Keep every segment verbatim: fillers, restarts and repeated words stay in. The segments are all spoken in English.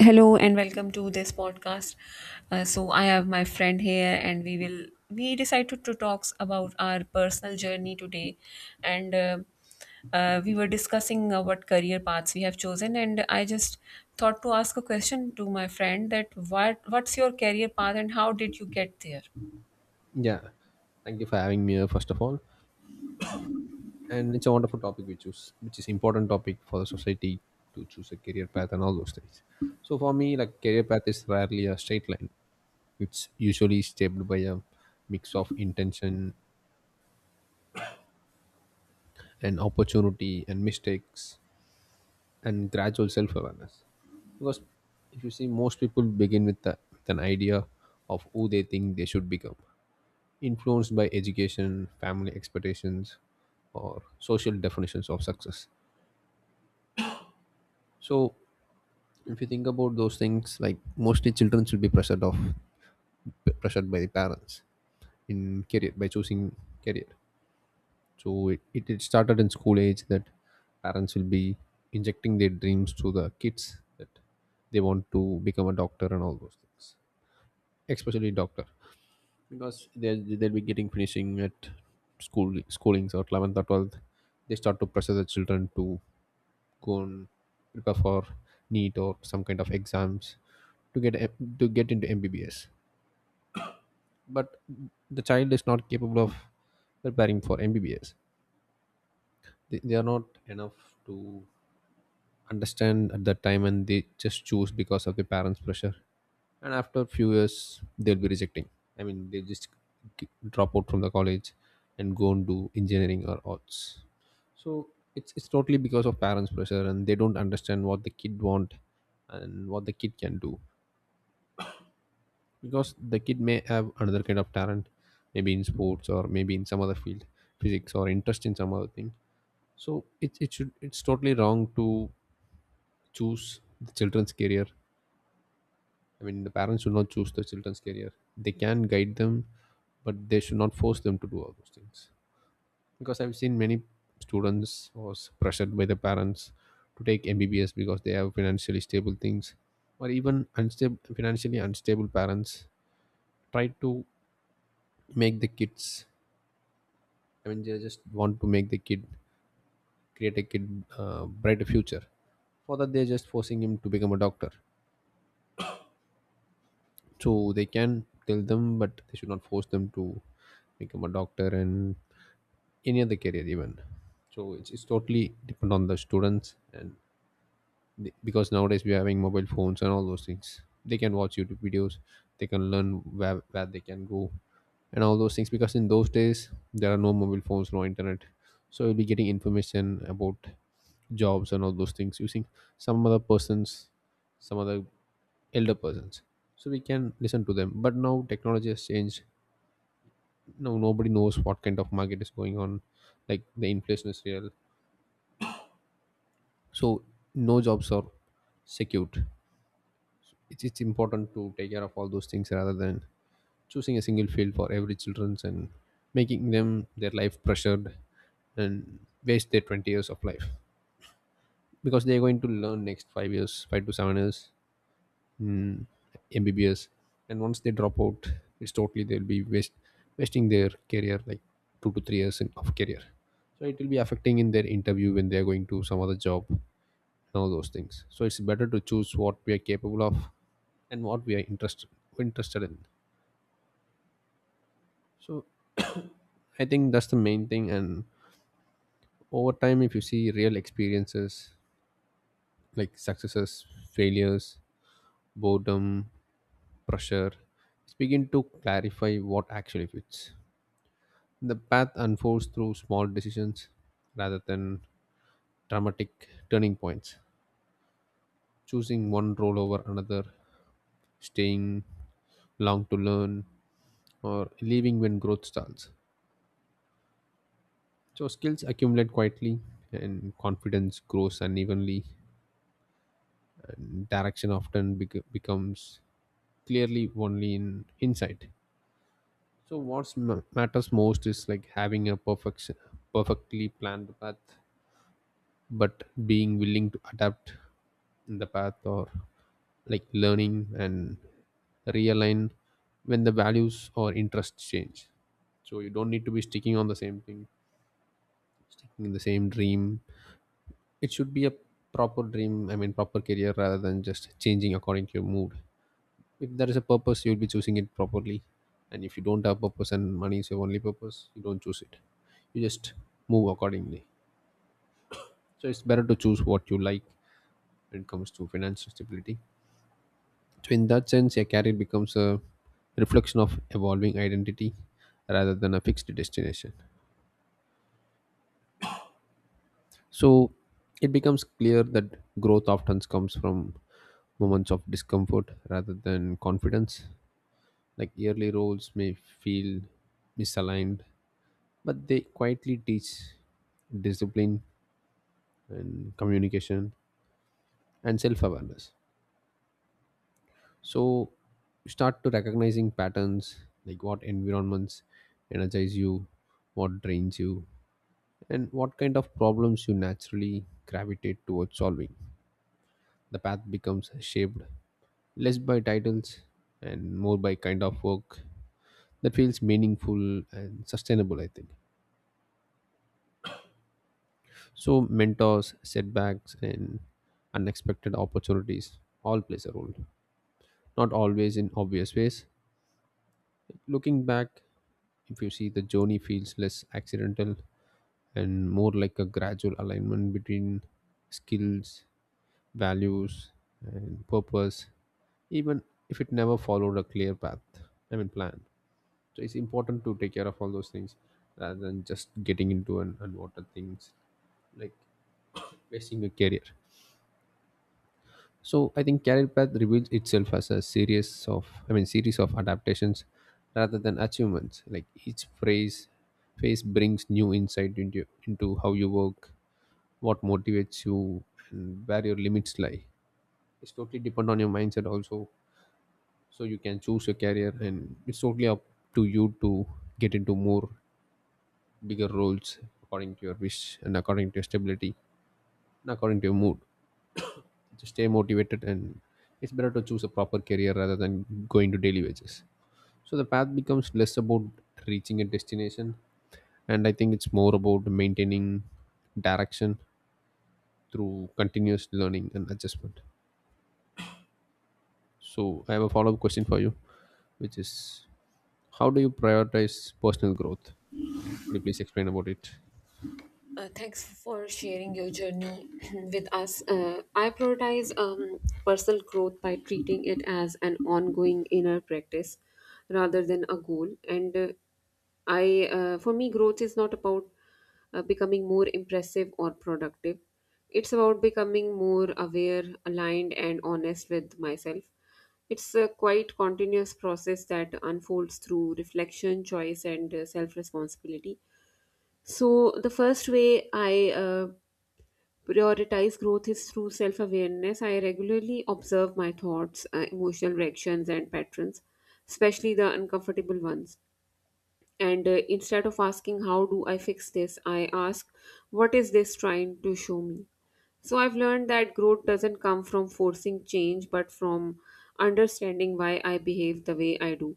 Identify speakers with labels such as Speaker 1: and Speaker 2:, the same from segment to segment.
Speaker 1: Hello and welcome to this podcast. Uh, so I have my friend here, and we will we decided to talk about our personal journey today, and uh, uh, we were discussing uh, what career paths we have chosen, and I just thought to ask a question to my friend that what what's your career path and how did you get there?
Speaker 2: Yeah, thank you for having me here first of all, and it's a wonderful topic we choose, which is important topic for the society to choose a career path and all those things. So for me, like career path is rarely a straight line. It's usually shaped by a mix of intention and opportunity and mistakes and gradual self-awareness. Because if you see, most people begin with, the, with an idea of who they think they should become influenced by education, family expectations, or social definitions of success. So, if you think about those things, like mostly children should be pressured of pressured by the parents in career by choosing career. So it, it, it started in school age that parents will be injecting their dreams to the kids that they want to become a doctor and all those things, especially doctor. Because they they'll be getting finishing at school schoolings or eleventh or twelfth. They start to pressure the children to go and prepare for neat or some kind of exams to get M- to get into mbbs, but the child is not capable of preparing for mbbs. They, they are not enough to understand at that time and they just choose because of the parents pressure. And after a few years they'll be rejecting. I mean they just g- drop out from the college and go and do engineering or arts. So it's it's totally because of parents pressure and they don't understand what the kid want and what the kid can do, because the kid may have another kind of talent, maybe in sports or maybe in some other field, physics or interest in some other thing. So it, it should it's totally wrong to choose the children's career. I mean, the parents should not choose the children's career. They can guide them, but they should not force them to do all those things. Because I've seen many students was pressured by the parents to take M B B S because they have financially stable things, or even unstable, financially unstable parents try to make the kids. I mean, they just want to make the kid create a kid uh, brighter future. For that, they're just forcing him to become a doctor. So they can tell them, but they should not force them to become a doctor and any other career even. So it's, it's totally depend on the students. And be- because nowadays we're having mobile phones and all those things, they can watch youtube videos, they can learn where, where they can go and all those things, because in those days there are no mobile phones, no internet. So you'll be getting information about jobs and all those things using some other persons, some other elder persons. So we can listen to them, but now technology has changed. Now nobody knows what kind of market is going on. Like the inflation is real. So no jobs are secured. It's, it's important to take care of all those things rather than choosing a single field for every children's and making them their life pressured, and waste their twenty years of life, because they're going to learn next five years five to seven years in mbbs. And once they drop out, it's totally they'll be waste, wasting their career like two to three years in, of career. So it will be affecting in their interview when they're going to some other job and all those things. So it's better to choose what we are capable of and what we are interested interested in. So I think that's the main thing. And over time, if you see real experiences like successes, failures, boredom, pressure, it's begin to clarify what actually fits. The path unfolds through small decisions rather than dramatic turning points. Choosing one role over another, staying long to learn, or leaving when growth stalls. So skills accumulate quietly, and confidence grows unevenly, and direction often bec- becomes clearly only in insight. So what matters most is like having a perfect, perfectly planned path, but being willing to adapt in the path, or like learning and realign when the values or interests change. So you don't need to be sticking on the same thing, sticking in the same dream. It should be a proper dream, I mean proper career, rather than just changing according to your mood. If there is a purpose you'll be choosing it properly, and if you don't have purpose and money is your only purpose, you don't choose it, you just move accordingly. So it's better to choose what you like when it comes to financial stability. So in that sense, a career becomes a reflection of evolving identity rather than a fixed destination. So it becomes clear that growth often comes from moments of discomfort rather than confidence. Like yearly roles may feel misaligned, but they quietly teach discipline and communication and self awareness. So you start to recognizing patterns like what environments energize you, what drains you, and what kind of problems you naturally gravitate towards solving. The path becomes shaped less by titles and more by kind of work that feels meaningful and sustainable, I think. So mentors, setbacks, and unexpected opportunities all plays a role, not always in obvious ways. Looking back, if you see the journey feels less accidental and more like a gradual alignment between skills, values, and purpose, even if it never followed a clear path, I mean, plan. So it's important to take care of all those things rather than just getting into an unwanted things like wasting a career. So I think Career Path reveals itself as a series of, I mean, series of adaptations rather than achievements. Like each phase, phase brings new insight into into how you work, what motivates you, and where your limits lie. It's totally depend on your mindset also. So you can choose your career, and it's totally up to you to get into more bigger roles according to your wish and according to your stability and according to your mood. To stay motivated, and it's better to choose a proper career rather than going to daily wages. So the path becomes less about reaching a destination, and I think it's more about maintaining direction through continuous learning and adjustment. So I have a follow-up question for you, which is, how do you prioritize personal growth? Could you please explain about it?
Speaker 1: Uh, thanks for sharing your journey with us. Uh, I prioritize um, personal growth by treating it as an ongoing inner practice rather than a goal. And uh, I, uh, for me, growth is not about uh, becoming more impressive or productive. It's about becoming more aware, aligned, and honest with myself. It's a quite continuous process that unfolds through reflection, choice, and self responsibility. So, the first way I uh, prioritize growth is through self awareness. I regularly observe my thoughts, uh, emotional reactions, and patterns, especially the uncomfortable ones, and uh, instead of asking how do I fix this, I ask what is this trying to show me? So I've learned that growth doesn't come from forcing change but from understanding why I behave the way I do.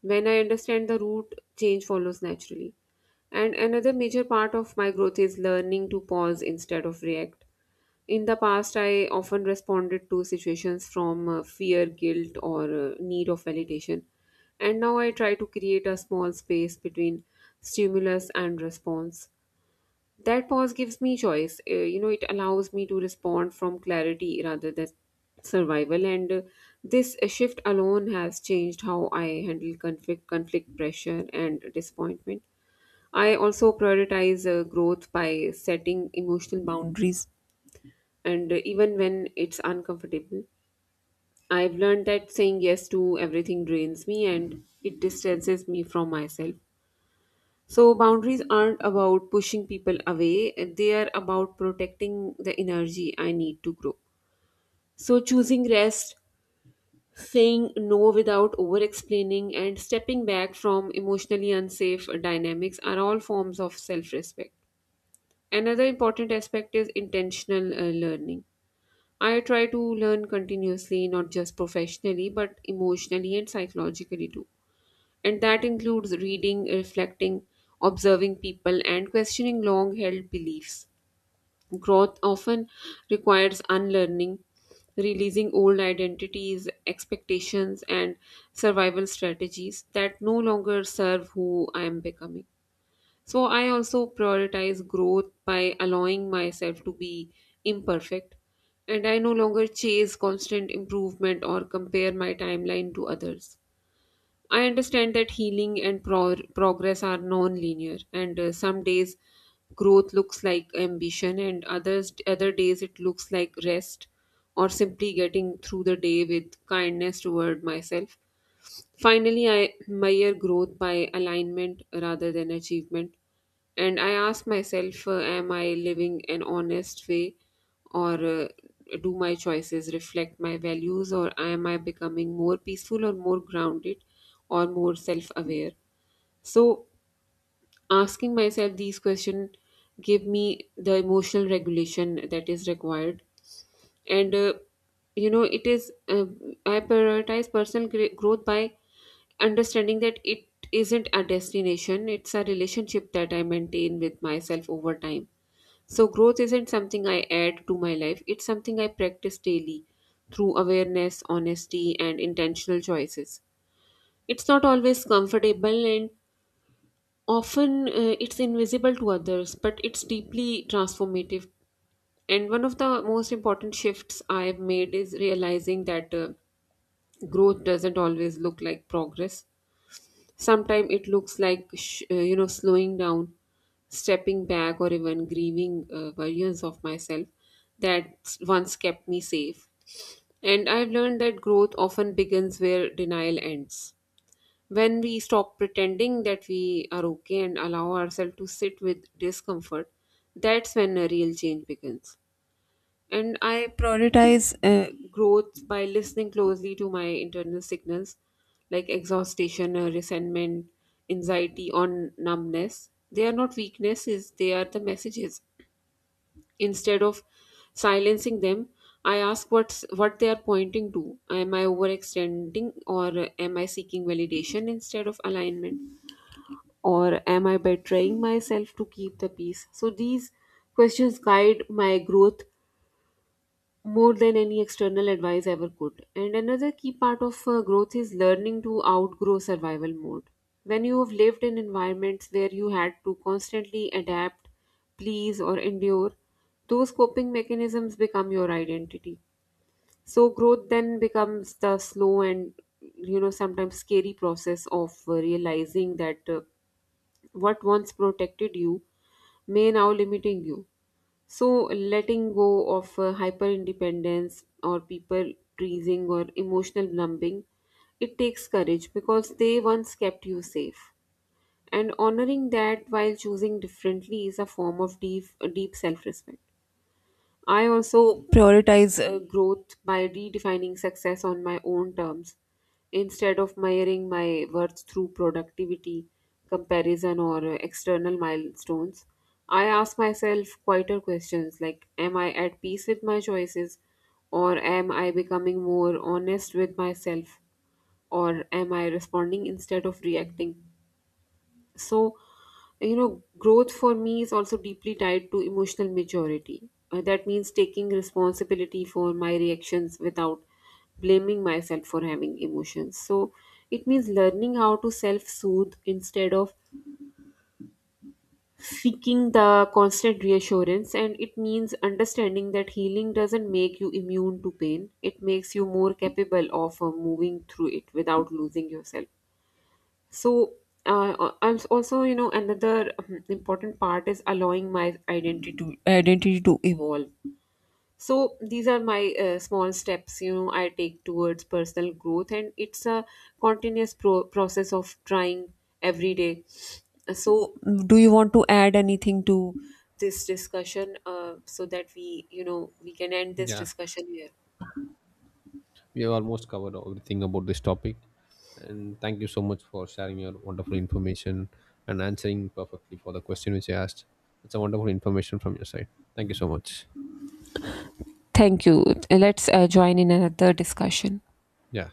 Speaker 1: When I understand the root, change follows naturally. And another major part of my growth is learning to pause instead of react. In the past, I often responded to situations from uh, fear, guilt, or uh, need of validation. And now I try to create a small space between stimulus and response. That pause gives me choice. Uh, you know, it allows me to respond from clarity rather than survival. And uh, This shift alone has changed how I handle conflict, conflict pressure, and disappointment. I also prioritize uh, growth by setting emotional boundaries, and even when it's uncomfortable. I've learned that saying yes to everything drains me and it distances me from myself. So, boundaries aren't about pushing people away, they are about protecting the energy I need to grow. So, choosing rest, saying no without over explaining, and stepping back from emotionally unsafe dynamics are all forms of self respect. Another important aspect is intentional uh, learning. I try to learn continuously, not just professionally, but emotionally and psychologically too. And that includes reading, reflecting, observing people, and questioning long held beliefs. Growth often requires unlearning, releasing old identities, expectations, and survival strategies that no longer serve who I am becoming. So I also prioritize growth by allowing myself to be imperfect, and I no longer chase constant improvement or compare my timeline to others. I understand that healing and pro- progress are non linear, and uh, some days growth looks like ambition, and others, other days it looks like rest or simply getting through the day with kindness toward myself. Finally, I measure growth by alignment rather than achievement. And I ask myself, uh, am I living an honest way, or uh, do my choices reflect my values, or am I becoming more peaceful or more grounded or more self-aware? So asking myself these questions give me the emotional regulation that is required, and uh, you know it is uh, I prioritize personal gr- growth by understanding that it isn't a destination, it's a relationship that I maintain with myself over time. So growth isn't something I add to my life, it's something I practice daily through awareness, honesty, and intentional choices. It's not always comfortable, and often uh, it's invisible to others, but it's deeply transformative. And one of the most important shifts I've made is realizing that uh, growth doesn't always look like progress. Sometimes it looks like sh- uh, you know slowing down, stepping back, or even grieving uh, versions of myself that once kept me safe. And I've learned that growth often begins where denial ends. When we stop pretending that we are okay and allow ourselves to sit with discomfort, that's when a real change begins. And I prioritize uh, growth by listening closely to my internal signals like exhaustion, uh, resentment, anxiety, or numbness. They are not weaknesses, they are the messages. Instead of silencing them, I ask what's, what they are pointing to. Am I overextending, or am I seeking validation instead of alignment, or am I betraying myself to keep the peace? So these questions guide my growth more than any external advice ever could. And another key part of uh, growth is learning to outgrow survival mode. When you have lived in environments where you had to constantly adapt, please, or endure, those coping mechanisms become your identity. So growth then becomes the slow and, you know sometimes scary, process of uh, realizing that uh, what once protected you may now limiting you. So letting go of uh, hyper independence or people pleasing or emotional numbing, it takes courage because they once kept you safe. And honoring that while choosing differently is a form of deep, deep self respect. I also prioritize uh, growth by redefining success on my own terms instead of measuring my worth through productivity, comparison, or uh, external milestones. I ask myself quieter questions like, am I at peace with my choices? Or am I becoming more honest with myself? Or am I responding instead of reacting? So, you know growth for me is also deeply tied to emotional maturity. Uh, that means taking responsibility for my reactions without blaming myself for having emotions. So it means learning how to self-soothe instead of seeking the constant reassurance, and it means understanding that healing doesn't make you immune to pain, it makes you more capable of uh, moving through it without losing yourself. so uh, I'm also, you know, another um, important part is allowing my identity to identity to evolve. So these are my uh, small steps, you know, I take towards personal growth, and it's a continuous pro- process of trying every day. So, do you want to add anything to this discussion, uh, so that we, you know, we can end this
Speaker 2: Yeah,
Speaker 1: discussion here?
Speaker 2: we have almost covered everything about this topic. And thank you so much for sharing your wonderful information and answering perfectly for the question which I asked. It's a wonderful information from your side. Thank you so much.
Speaker 1: Thank you. Let's uh, join in another discussion.
Speaker 2: Yeah.